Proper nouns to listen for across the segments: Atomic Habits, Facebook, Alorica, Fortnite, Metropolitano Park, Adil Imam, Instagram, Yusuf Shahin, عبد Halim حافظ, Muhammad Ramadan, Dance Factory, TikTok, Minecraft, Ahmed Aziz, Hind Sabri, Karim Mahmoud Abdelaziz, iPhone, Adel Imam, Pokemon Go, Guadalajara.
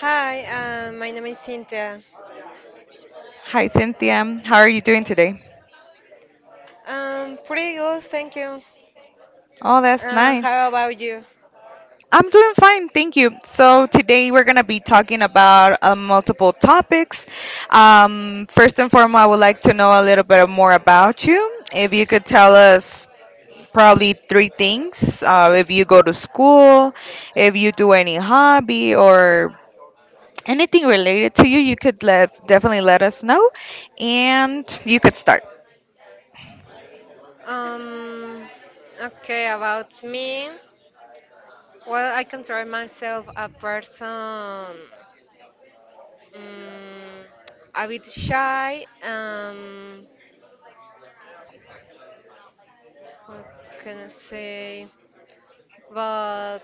Hi, my name is Cynthia. Hi, Cynthia. How are you doing today? Pretty good, thank you. Oh, that's nice. How about you? I'm doing fine, thank you. So today we're gonna be talking about multiple topics. First and foremost, I would like to know a little bit more about you. If you could tell us probably three things. If you go to school, if you do any hobby or anything related to you, you could definitely let us know and you could start. Um, okay, about me. Well, I consider myself a person um, a bit shy. What can I say? But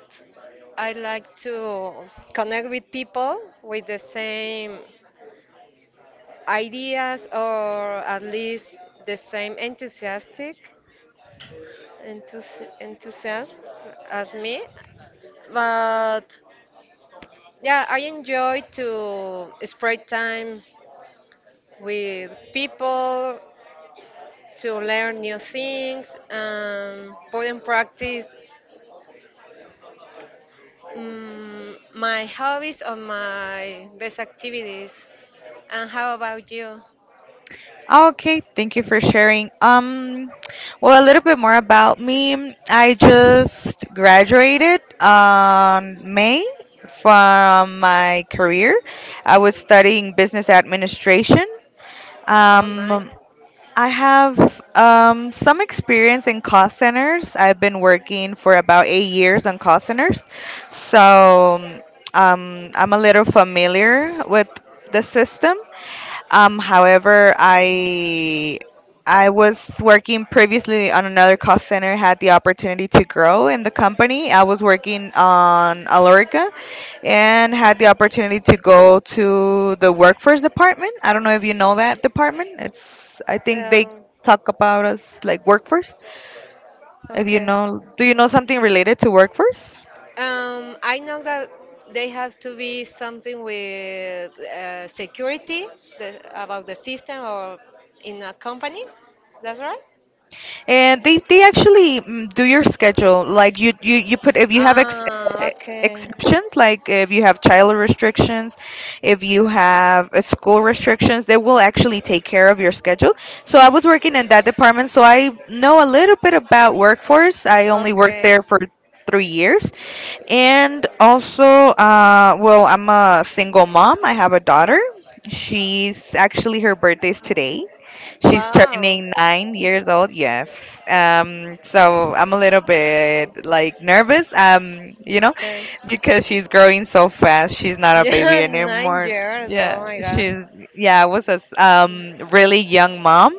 I like to connect with people with the same ideas, or at least the same enthusiasm as me. But yeah, I enjoy to spend time with people, to learn new things and put in practice my hobbies or my best activities. And how about you? Okay, thank you for sharing. Well, a little bit more about me. I just graduated on May from my career. I was studying business administration. Oh, Um, nice. I have some experience in call centers. I've been working for about 8 years on call centers, so I'm a little familiar with the system. However, I was working previously on another call center, had the opportunity to grow in the company. I was working on Alorica and had the opportunity to go to the workforce department. I don't know if you know that department. It's I think they um, talk about us like workforce. If you Okay. know, do you know something related to workforce? I know that they have to be something with security, about the system or in a company. That's right? And they actually do your schedule. Like you put if you have Ah, eh, okay. exceptions, like if you have child restrictions, if you have school restrictions, they will actually take care of your schedule. So I was working in that department, so I know a little bit about workforce. I only worked Okay. there for 3 years, and also, well, I'm a single mom. I have a daughter. She's actually her birthday's today. She's Wow. turning 9 years old. Yes. So I'm a little bit like nervous. You know, Okay. because she's growing so fast. She's not a Yeah, baby nine anymore. years. Yeah. Oh my God. She's yeah. I was a really young mom.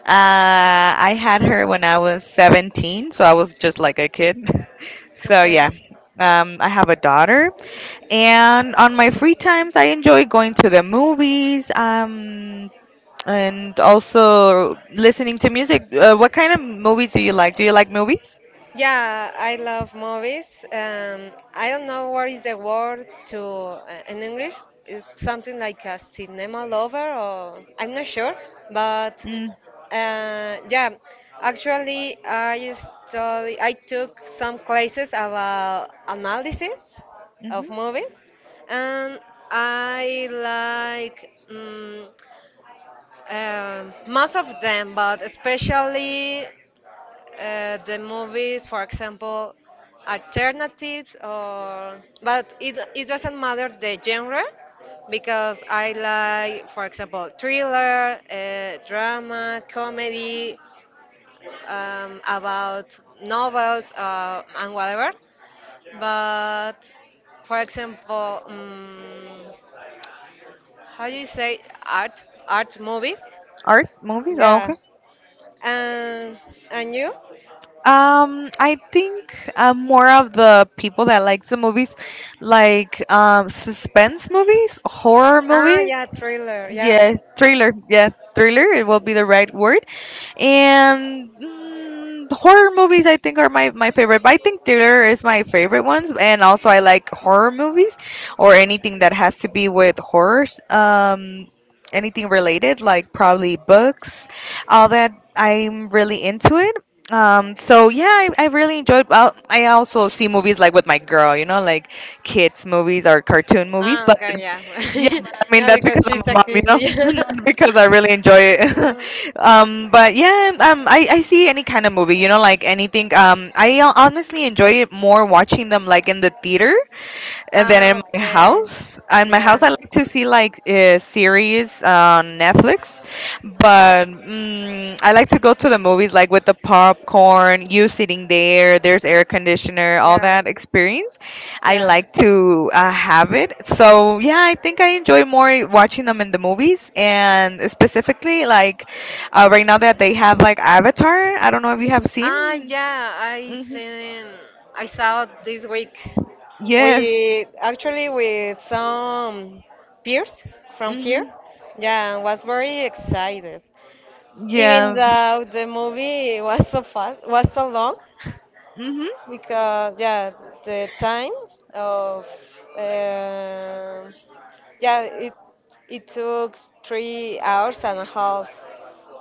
I had her when I was 17, so I was just like a kid. So Okay. yeah. I have a daughter, and on my free times, I enjoy going to the movies. And also listening to music. What kind of movies do you like? Do you like movies? Yeah, I love movies. I don't know what is the word to in English. It's something like a cinema lover, or I'm not sure. But Mm-hmm. Yeah, actually, I study. I took some classes about analysis of movies, and I like. Most of them, but especially the movies, for example, alternatives, or but it doesn't matter the genre because I like, for example, thriller, drama, comedy, about novels and whatever. But for example, how do you say art movies? Art movies? Oh, Yeah, okay. and and you? I think I'm more of the people that like the movies, like suspense movies, horror Ah, movies. yeah, thriller. Yeah. Yes, thriller. Yeah, thriller. It will be the right word. And horror movies, I think, are my favorite. But I think thriller is my favorite ones. And also, I like horror movies or anything that has to be with horrors. Anything related, like probably books, all that. I'm really into it. So yeah, I really enjoyed. Well, I also see movies like with my girl, like kids movies or cartoon movies. Ah, But okay, yeah. yeah, but I mean Yeah, that's because because I'm she's a a mom, you kid. know, Not because I really enjoy it. Yeah. But yeah, I see any kind of movie, like anything. I honestly enjoy it more watching them like in the theater and then Ah, okay. In my Yeah, house, I like to see like series on Netflix, but I like to go to the movies like with the popcorn, you sitting there, there's air conditioner, all yeah, that experience. I yeah. like to have it. So yeah, I think I enjoy more watching them in the movies, and specifically like right now that they have like Avatar. I don't know if you have seen. Ah, yeah. I hmm seen. I saw it this week. Yes. We actually with some peers from here. hmm Yeah, was very excited. Even Yeah. though the movie was so fast, was so long, Mm-hmm. because yeah, the time of uh, yeah, it took 3 hours and a half.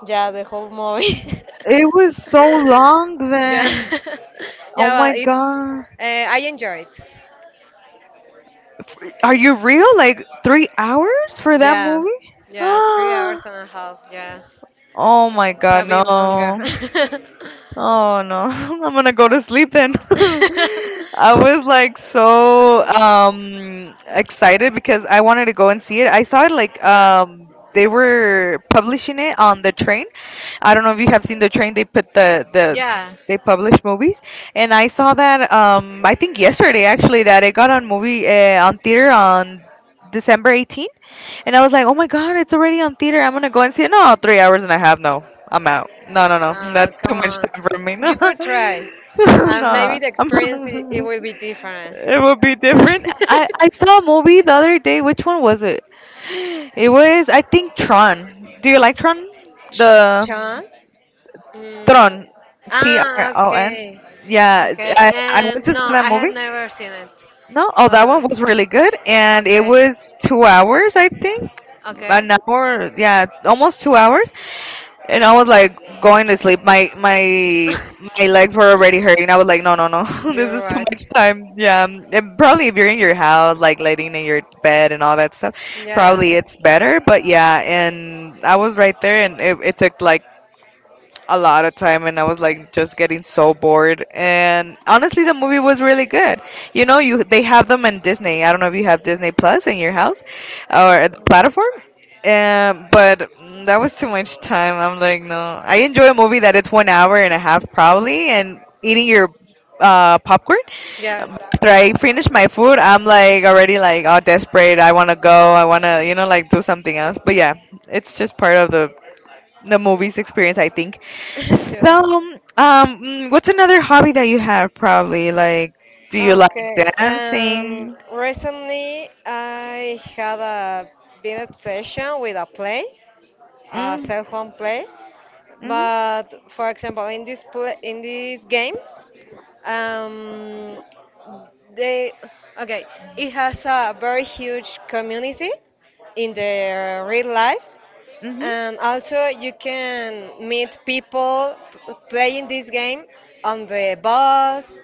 Yeah, the whole movie. It was so long yeah, then. Oh yeah, well, my it's god. uh, I enjoyed. Are you real? Like 3 hours for that Yeah, movie? yeah, three Oh hours and a half. Yeah, my it's a god, bit longer. no. Oh no. I'm gonna go to sleep then. I was like so excited because I wanted to go and see it. I saw it like Yeah. They were publishing it on the train. I don't know if you have seen the train. They put the Yeah. they publish movies, and I saw that. I think yesterday actually that it got on movie on theater on December 18th, and I was like, oh my god, it's already on theater. I'm gonna go and see it. No, 3 hours and a half. No, I'm out. No, no, no, Oh, that's come too much on. time for me. You could try. No, Maybe no, the I'm experience, it not. will be different. It will be No. different. I saw a movie the other day. Which one was it? It was I think Tron. Do you like Tron? Ch- The Chon? Mm. Tron, T R Ah, O N. okay. Yeah, Okay. I went And to see no, that I have movie. never seen it. No, oh, that one But was really good, and it okay. was 2 hours, I think, Okay. an hour, yeah, almost 2 hours, and I was like going to sleep. My legs were already hurting. I was like, no, no, no, this You're is too much time. Yeah, and probably if you're in your house, like laying in right. your bed and all that stuff, Yeah. probably it's better. But yeah, and I was right there, and it took like a lot of time and I was like just getting so bored and honestly the movie was really good. You know, you they have them on Disney. I don't know if you have Disney Plus in your house Uh, or the platform. But that was too much time. I'm like, no. I enjoy a movie that it's 1 hour and a half probably and eating your popcorn. yeah. After I finish my food, I'm like already like all desperate. I want to go. I want to, you know, like do something else. But yeah, it's just part of the movies experience I think. So yeah. What's another hobby that you have probably like do you like Okay. Dancing? Recently, I had a big obsession with a play, a Mm, cell phone play. mm-hmm, But for example, in this play, in this game, Um, they okay. It has a very huge community in the real life, mm-hmm, and also, you can meet people playing this game on the bus,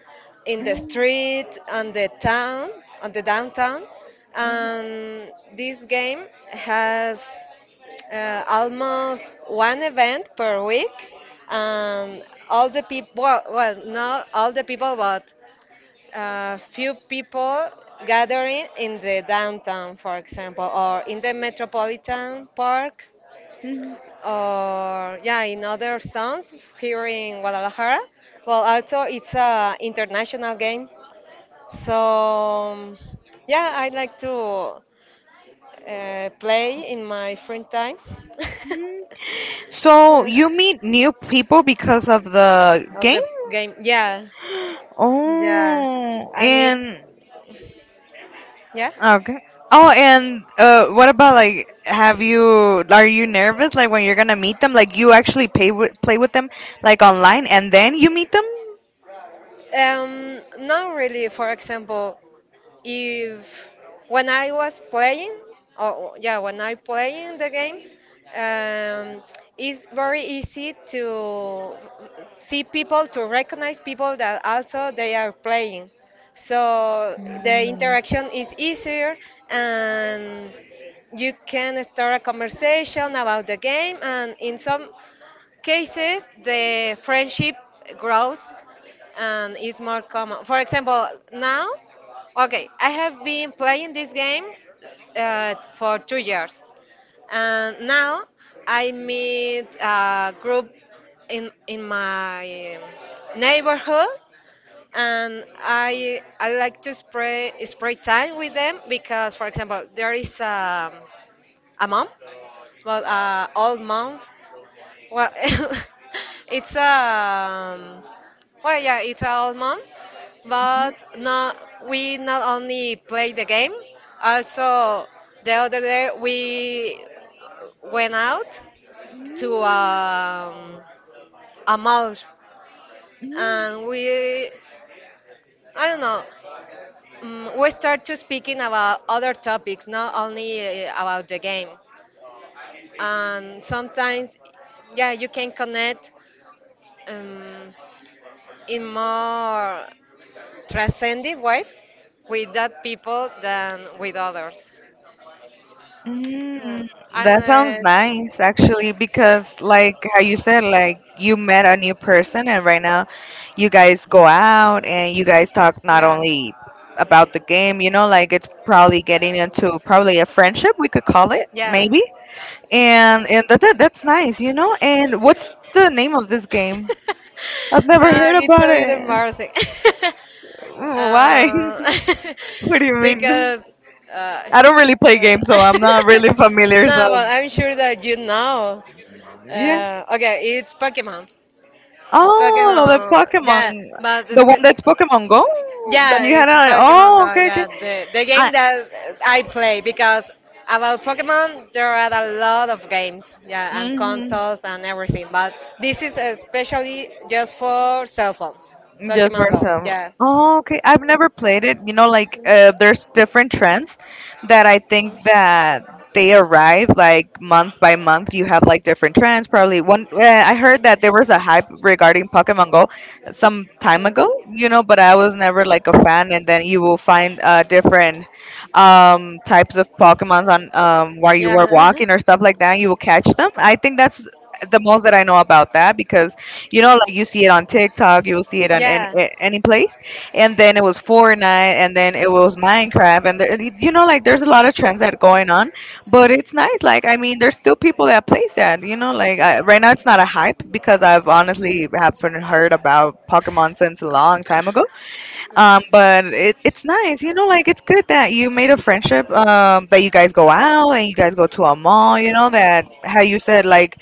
in the street, on the town, on the downtown. mm-hmm, And this game has almost one event per week, and all the people, well, not all the people, but a few people gathering in the downtown, for example, or in the metropolitan park, or yeah, in other zones here in Guadalajara. Well, also it's a international game, so um, yeah, I like to play in my free time. mm-hmm. So Yeah. you meet new people because of the Of game? the game. Yeah, yeah, Oh, and and it's yeah. okay. Oh, and what about like? Have you Are you nervous like when you're gonna meet them? Like you actually play with them like online and then you meet Not really. For example, if when I was playing, or yeah, when I playing the game, um, it's very easy to see people, to recognize people that also they are playing. So the them? interaction is easier, and you can start a conversation about the game, and in some cases the friendship grows and is more common. For example, now, okay, I have been playing this game for 2 years, and now I meet a group in my neighborhood, and I like to spray spend time with them because, for example, there is a mom, well, old mom, well, it's well, yeah, it's our mom, but not, we not only play the game, also the other day we went out to a mall, and we, I don't know, we start to speaking about other topics, not only about the game, and sometimes yeah you can connect um, in more transcending wife with that people than with others. Yeah. Mm, that sounds And nice actually because like how you mm, said like you met a new person and right now you guys go out and you guys talk not yeah, only about the game, you know, like it's probably getting into probably a friendship we could call it yeah. maybe. And that's nice, you know. And what's the name of this game? I've never Ah, heard it's a about bit it. embarrassing. Mm, why? uh, What do you mean? because uh, I don't really play yeah. games, so I'm not really familiar. no, So but I'm sure that you know. yeah. Okay, it's Pokemon. Oh, lo de Pokemon, Pokemon. yeah, but The one that's Pokemon Go. Yeah. That yeah, you had it's a. Pokemon Oh, Go, okay, okay. yeah, the I. game that I play because about Pokemon there are a lot of games, yeah, and Mhm. consoles and everything, but this is especially just for cell phone, Just for Pokemon Go, some. yeah. Oh, okay. I've never played it. You know, like there's different trends that I think that they arrive like month by month. You have like different trends. Probably one. I heard that there was a hype regarding Pokemon Go some time ago. You know, but I was never like a fan. And then you will find different types of Mm. Pokemons on while you were Yeah. walking or stuff like that. You will catch them. I think that's the most that I know about that because you know, like you see it on TikTok, you'll see it on yeah. any place. And then it was Fortnite, and then it was Minecraft, and there, you know, like there's a lot of trends that going on. But it's nice. Like I mean, there's still people that plays that. You know, right now it's not a hype because I've honestly haven't heard about Pokemon since a long time ago. But it's nice, you know, like it's good that you made a friendship, that you guys go out and you guys go to a mall, you know, that how you said, like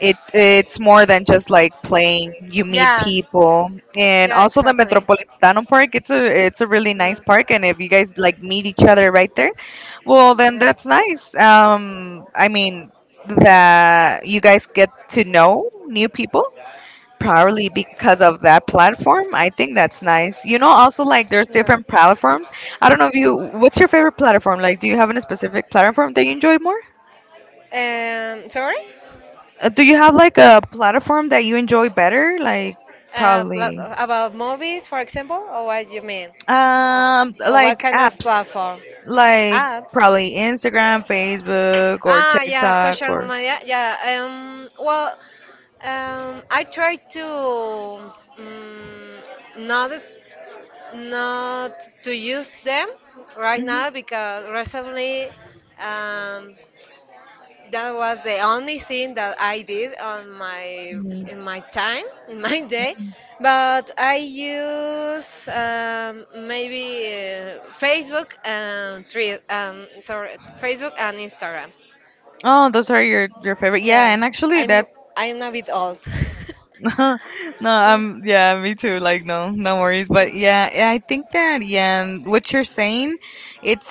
it's more than just like playing. You meet Yeah. people, and Yeah, also the exactly. Metropolitano Park. It's a really nice Mm, park, and if you guys like meet each other right there, well then that's nice. I mean that you guys get to yeah. know new people probably because of that platform. I think that's nice. You know, also like there's Yeah. different platforms. I don't know if you. What's your favorite platform? Like, do you have a specific platform that you enjoy more? Sorry? Do you have like a platform that you enjoy better? Like Uh, pla- probably about movies, for example, or what you mean? Or what like kind app of platform? like Apps? probably Instagram, Facebook or Ah, yeah, TikTok social or media. Yeah. Well, I try to not not to use them right Mhm. now because recently um, that was the only thing that I did on my Mhm. in my time, in my day, but I use maybe Facebook and three sorry, Facebook and Instagram. Oh, those are your favorite. Yeah, Yeah, and actually I'm that's I'm a bit old. no, yeah, me too. Like, no, no worries. But yeah, I think that and what you're saying, it's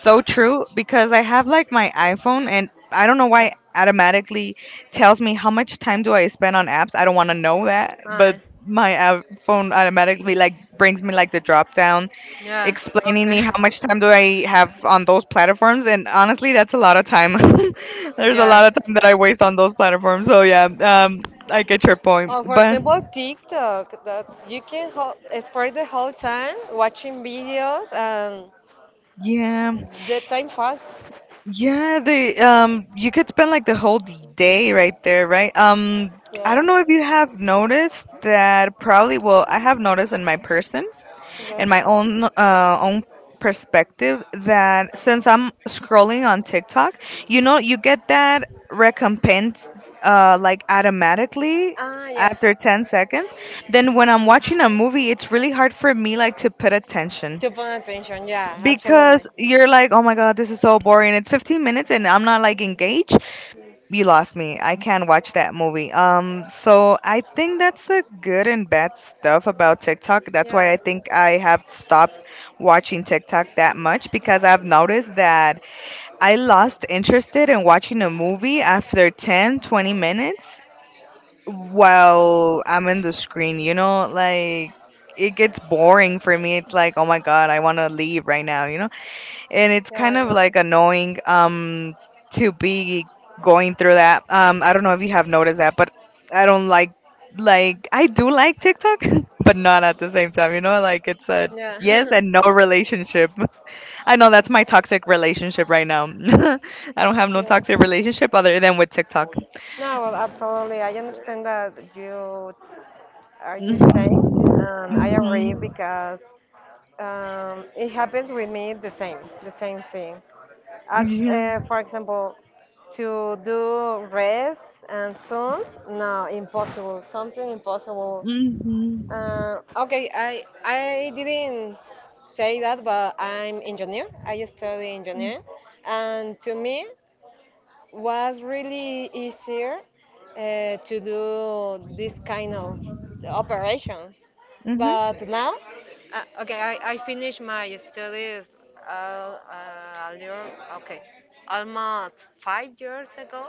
so true because I have like my iPhone, and I don't know why yeah. it automatically tells me how much time do I spend on apps. I don't want to know that, but Ah, my iPhone automatically like brings me like the drop down yeah. explaining Okay. me how much time do I have on those platforms, and honestly, that's a lot of time. There's a lot Yeah. of time that I waste on those platforms. So yeah, I get your point, For but example, TikTok, that you can spend the whole time watching videos, and yeah, the time fast. yeah, the you could spend like the whole day right there, right? I don't Yeah. know if you have noticed that probably. Well, I have noticed in my person in Okay. my own own perspective that since I'm scrolling on TikTok, you know, you get that recompense like automatically Ah, yeah. after 10 seconds. Then when I'm watching a movie, it's really hard for me like to put attention To pay attention. Yeah, because absolutely. Mm. you're like, oh my god, this is so boring. It's 15 minutes and I'm not like engaged. You lost me. I can't watch that movie. So I think that's the good and bad stuff about TikTok. That's why Yeah. I think I have stopped watching TikTok that much because I've noticed that I lost interested in watching a movie after 10, 20 minutes while I'm in the screen, you know, like it gets boring for me. It's like, oh my God, I want to leave right now, you know? And it's Yeah, kind I of know. like annoying to be going through that. I don't know if you have noticed that, but I don't like, I do like TikTok but not at the same time, you know, like it's a yes Yeah. and no relationship. I know that's my toxic relationship right now. I don't have no yeah. toxic relationship other than with TikTok. No, well, absolutely. I understand that you are you saying, and I agree Mhm. because it happens with me the same, thing. I, Mhm. for example, to do rests and sums, no, impossible, something impossible. Yeah. Mhm. Okay, I didn't say that, but I'm engineer. I study engineer, and to me was really easier to do this kind of operations. Mhm. But now, okay, I finished my studies uh, uh, a year, okay, almost 5 years ago,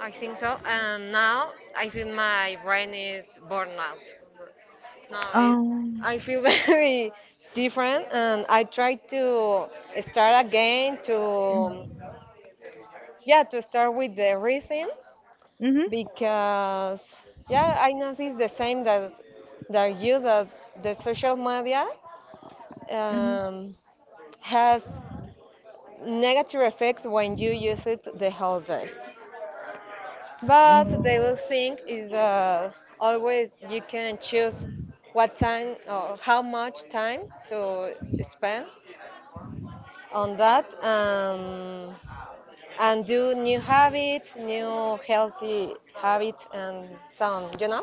I think so. And now I feel my brain is burnout. So, no, Um. I feel very different, and I try to start again to yeah to start with the rhythm Mhm. because yeah I noticed the same, that you that the social media um, has negative effects when you use it the whole day. But the Mhm. good thing is, always you can choose what time or how much time to spend on that, and do new habits, new healthy habits, and so on.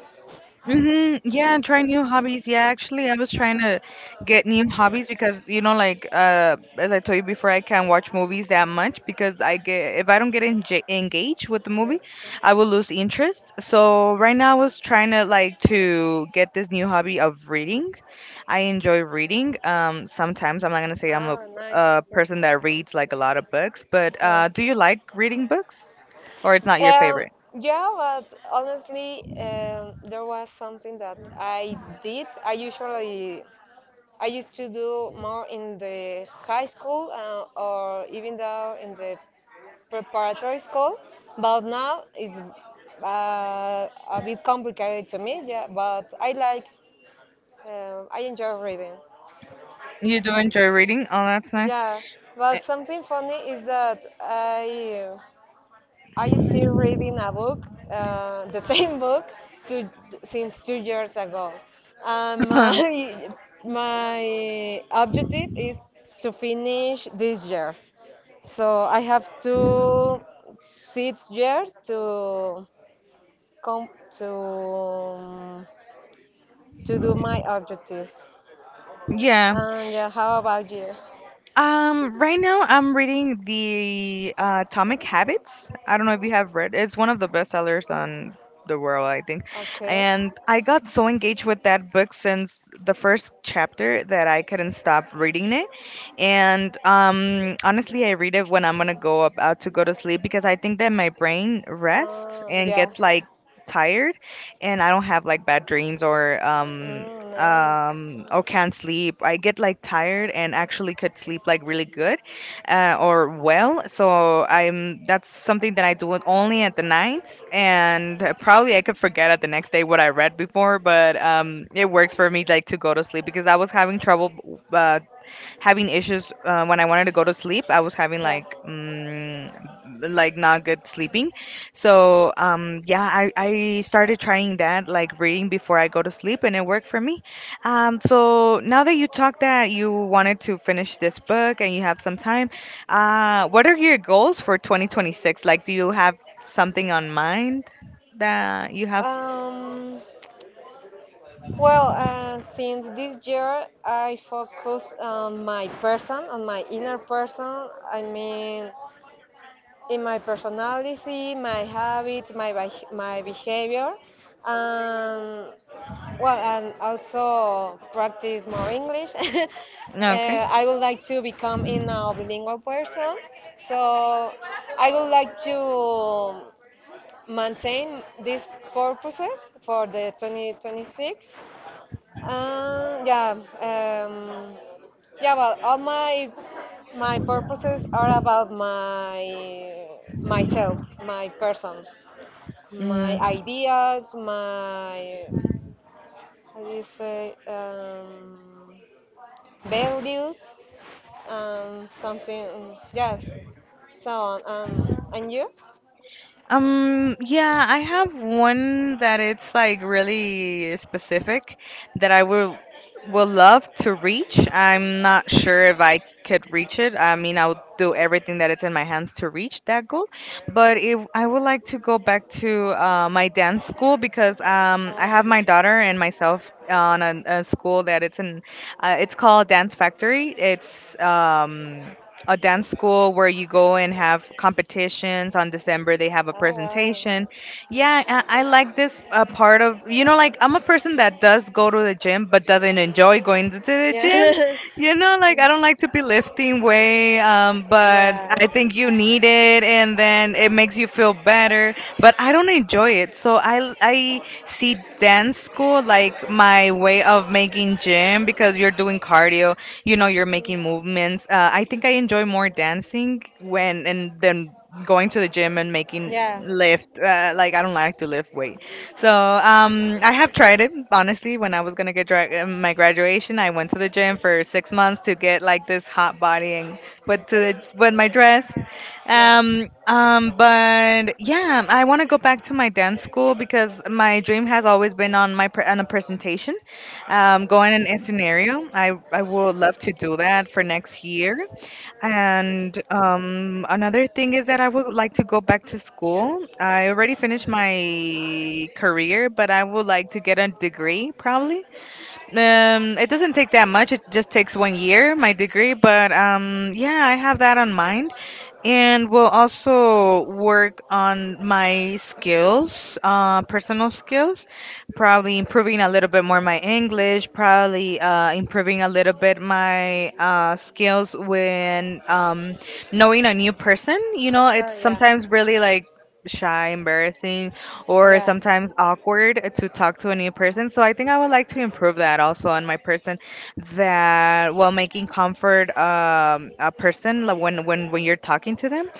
Mm-hmm. Yeah, try new hobbies. Yeah, actually, I was trying to get new hobbies because you know, like as I told you before, I can't watch movies that much because I get. If I don't get enj engaged with the Yeah. movie, I will lose interest. So right now, I was trying to like to get this new hobby of reading. I enjoy reading. Sometimes I'm not gonna say I'm Ah, nice. a Yes. person that reads like a lot of books, but Yes. Do you like reading books, or it's not your Um, favorite? yeah, but honestly, there was something that I did. I used to do more in the high school, or even though in the preparatory school, but now it's a bit complicated to me. Yeah, but I enjoy reading. You do enjoy reading? Oh, that's nice. Yeah, but something funny is that I used to reading a book, the same book, two, since 2 years ago. And my my objective is to finish this year. So I have to 6 years to come to um, to do my objective. Yeah. And yeah, how about you? Right now, I'm reading the Atomic Habits. I don't know if you have read. It's one of the bestsellers on the world, I think. Okay. And I got so engaged with that book since the first chapter that I couldn't stop reading it. And honestly, I read it when I'm gonna go about to go to sleep because I think that my brain rests and Yeah. gets like tired, and I don't have like bad dreams or um Mm, um or can't sleep. I get like tired and actually could sleep like really good, or well so I'm that's something that I do it only at the nights, and probably I could forget at the next nice. day what I read before, but it works for me like to go to sleep because I was having trouble uh, having issues when I wanted to go to sleep. I was having Yeah. like not good sleeping. So yeah, I started trying that like reading before I go to sleep, and it worked for me. So now that you talked that you wanted to finish this book and you have some time, what are your goals for 2026? Like, do you have something on mind that you have? Um, well, since this year I focus on my person, on my inner person. I mean, in my personality, my habits, my my behavior, and well, and also practice more English. Okay. I would like to become in a bilingual person, so I would like to maintain these purposes for the 2026. Yeah, um, yeah. Well, all my purposes are about my myself, my person, my ideas, my how do you say values something yes so on and you. Yeah, I have one that it's like really specific that I will love to reach. I'm not sure if I could reach it. I mean, I'll do everything that it's in my hands to reach that goal, but I would like to go back to my dance school because I have my daughter and myself on a school that it's in. It's called Dance Factory. It's a dance school where Oh, you go and have competitions on december. They have a oh wow. presentation. Yeah, I like this part of, you know, like I'm a person that does go to the gym but doesn't enjoy going to the gym, Yeah. you know, like I don't like to be lifting weight, but yeah. I think you need it and then it makes you feel better, but I don't enjoy it. So I see dance school like my way of making gym because you're doing cardio, you know, you're Mm. making movements. I think I enjoy more dancing when and then going to the gym and making Yeah. lift, like I don't like to lift weight. So I have tried it honestly. When I was going to get my graduation, I went to the gym for 6 months to get like this hot body and put to Okay. the with my Mm. dress. Yeah. But yeah, I want to go back to my dance school because my dream has always been on my on a presentation, going in a scenario. I would love to do that for next year. And another thing is that I would like to go back to school. I already finished my career, but I would like to get a degree probably. It doesn't take that much. It just takes one year, my degree. But yeah, I have that on mind, and will also work on my skills, personal skills. Probably improving a little bit more my English. Probably improving a little bit my skills when knowing a new person. You know, it's Oh, yeah. sometimes really like shy, embarrassing, or Yeah. sometimes awkward to talk to a new person. So I think I would like to improve that also on my person, that while making comfort a person like, when you're talking to them.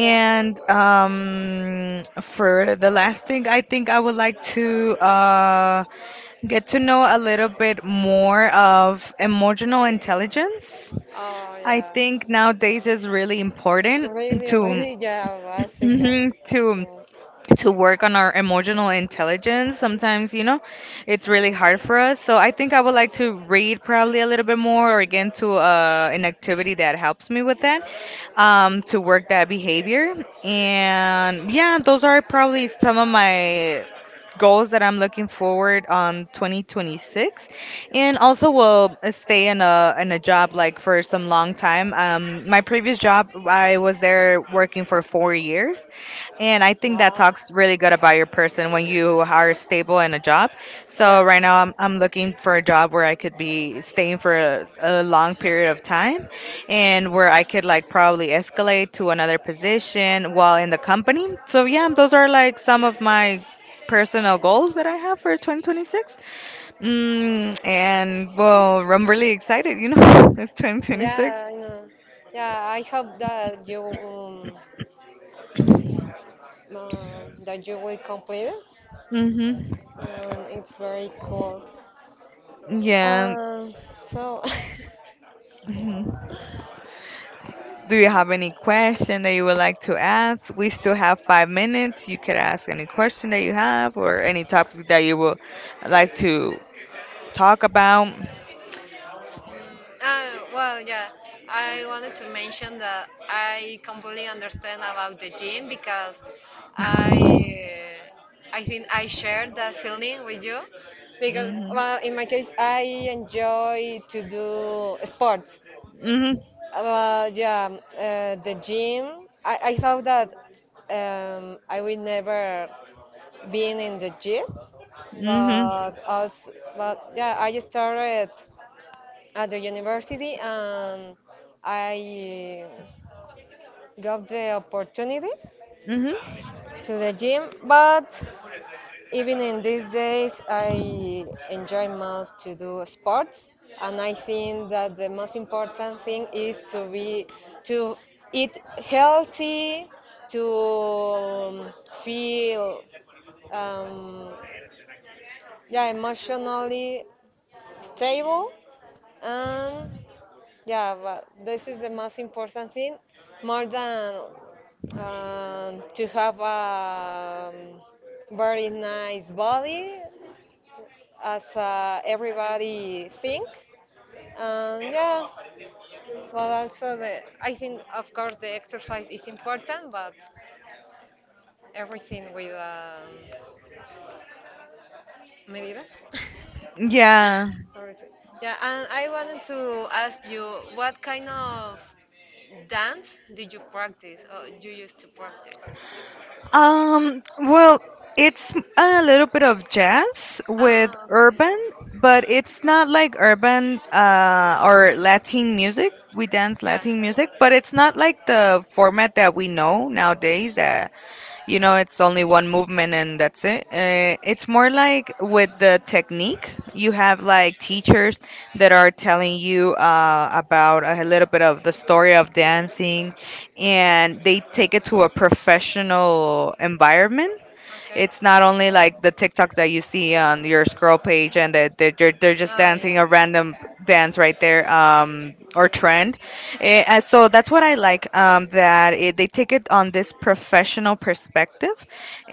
Yeah. For the last thing, I think I would like to get to know a little bit more of emotional intelligence. Oh, I yeah. think nowadays is really important Really, to really, yeah, Mexican mhm, to food. to work on our emotional intelligence. Sometimes, you know, it's really hard for us. So I think I would like to read probably a little bit more or again to an activity that helps me with that to work that behavior. And yeah, those are probably some of my goals that I'm looking forward on 2026, and also will stay in a job like for some long time. Um, my previous job I was there working for 4 years, and I think that Wow. talks really good about your person when you are stable in a job. So Yeah. right now I'm looking for a job where I could be staying for a long period of time and where I could like probably escalate to another position while in the company. So yeah, those are like some of my personal goals that I have for 2026. Mm, and well, I'm really excited, you know, it's 2026. Yeah, I know. Yeah, I hope uh, that you will complete it. Mm-hmm. It's very cool. Yeah. Um, so. Do you have any question that you would like to ask? We still have 5 minutes. You could ask any question that you have or any topic that you would like to talk about. Mm. Well, yeah, I wanted to mention that I completely understand about the gym because I, I think I share that feeling with you because, Mhm. well, in my case, I enjoy to do sports. Mhm. Yeah, the gym. I thought that I would never been in the gym, Mhm. but also, but yeah, I started at the university, and I got the opportunity Mhm. to the gym, but even in these days I enjoy most to do sports, and I think that the most important thing is to be, to eat healthy, to feel um, yeah emotionally stable and. Yeah, but this is the most important thing, more than to have a, very nice body, as everybody think. And yeah, but also the, I think of course the exercise is important, but everything with medida. Yeah. Everything. Yeah, and I wanted to ask you, what kind of dance did you practice or you used to practice? Well, it's a little bit of jazz with Ah, urban, okay. but it's not like urban or Latin music. We dance Yeah. Latin music, but it's not like the format that we know nowadays that, you know, it's only one movement and that's it. It's more like with the technique. You have like teachers that are telling you about a little bit of the story of dancing, and they take it to a professional environment. Okay. It's not only like the TikToks that you see on your scroll page and that they're just Ah, dancing a random dance right there, or trend. Eh, and so that's what I like that they take it on this professional perspective,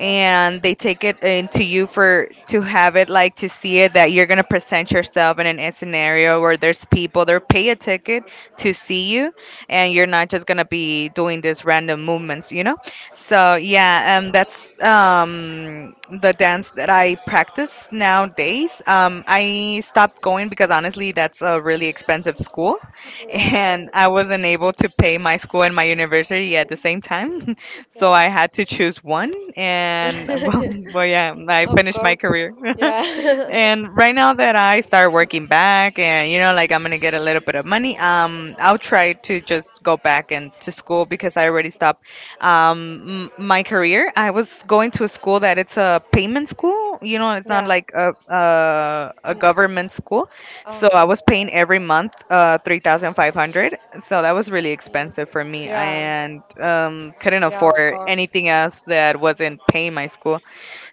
yeah. they Yeah. take it into you for to have it like to see it that you're going to present yourself in a scenario where there's people they're pay a ticket to see you, and you're not just going to be doing these random movements, you know? So yeah, that's the dance that I practice nowadays. I stopped going because honestly, that's a really expensive school, Yeah. and I wasn't able to pay my school and my university at the same time. So I had to choose one, and well, well yeah, I of finished my course. career. Yeah. And right now that I start working back and you know like I'm going to get a little bit of money, I'll try to just go back and to school because I already stopped my career. I was going to a school that it's a payment school, you know, it's not yeah. like a government school. So I Okay. was paying every month 3,500. So that was really Mm. expensive for me, Yeah. and couldn't Yeah, of afford course. anything else that wasn't paying my school.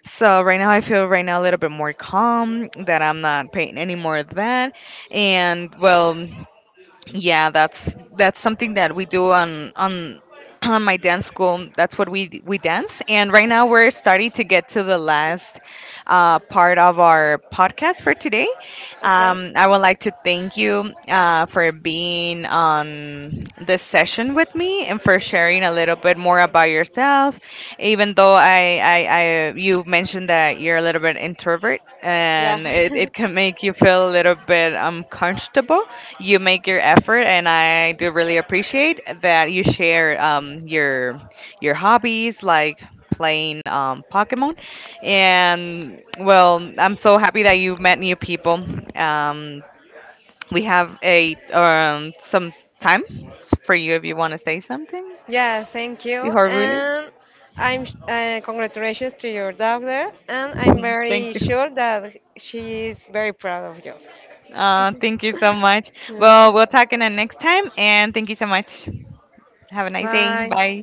So right now I feel right now a little bit more calm that I'm not paying any more of that. And well, yeah, that's something that we do on on my dance school. That's what we dance. And right now we're starting to get to the last part of our podcast for today, Okay. I would like to thank you for being on this session with me and for sharing a little bit more about yourself. Even though I you mentioned that you're a little bit introvert, Yeah. and it can make you feel a little bit uncomfortable, you make your effort, and I do really appreciate that you share your hobbies like playing Pokemon. And well, I'm so happy that you met new people. Um, we have a some time for you if you want to say something Yeah, thank you. before we And I'm congratulations to your daughter, and I'm leave. Thank very you. sure that she is very proud of you. Thank you so much. Well, we'll Mhm. talk in the next time, and thank you so much. Have a nice day. Bye. Bye.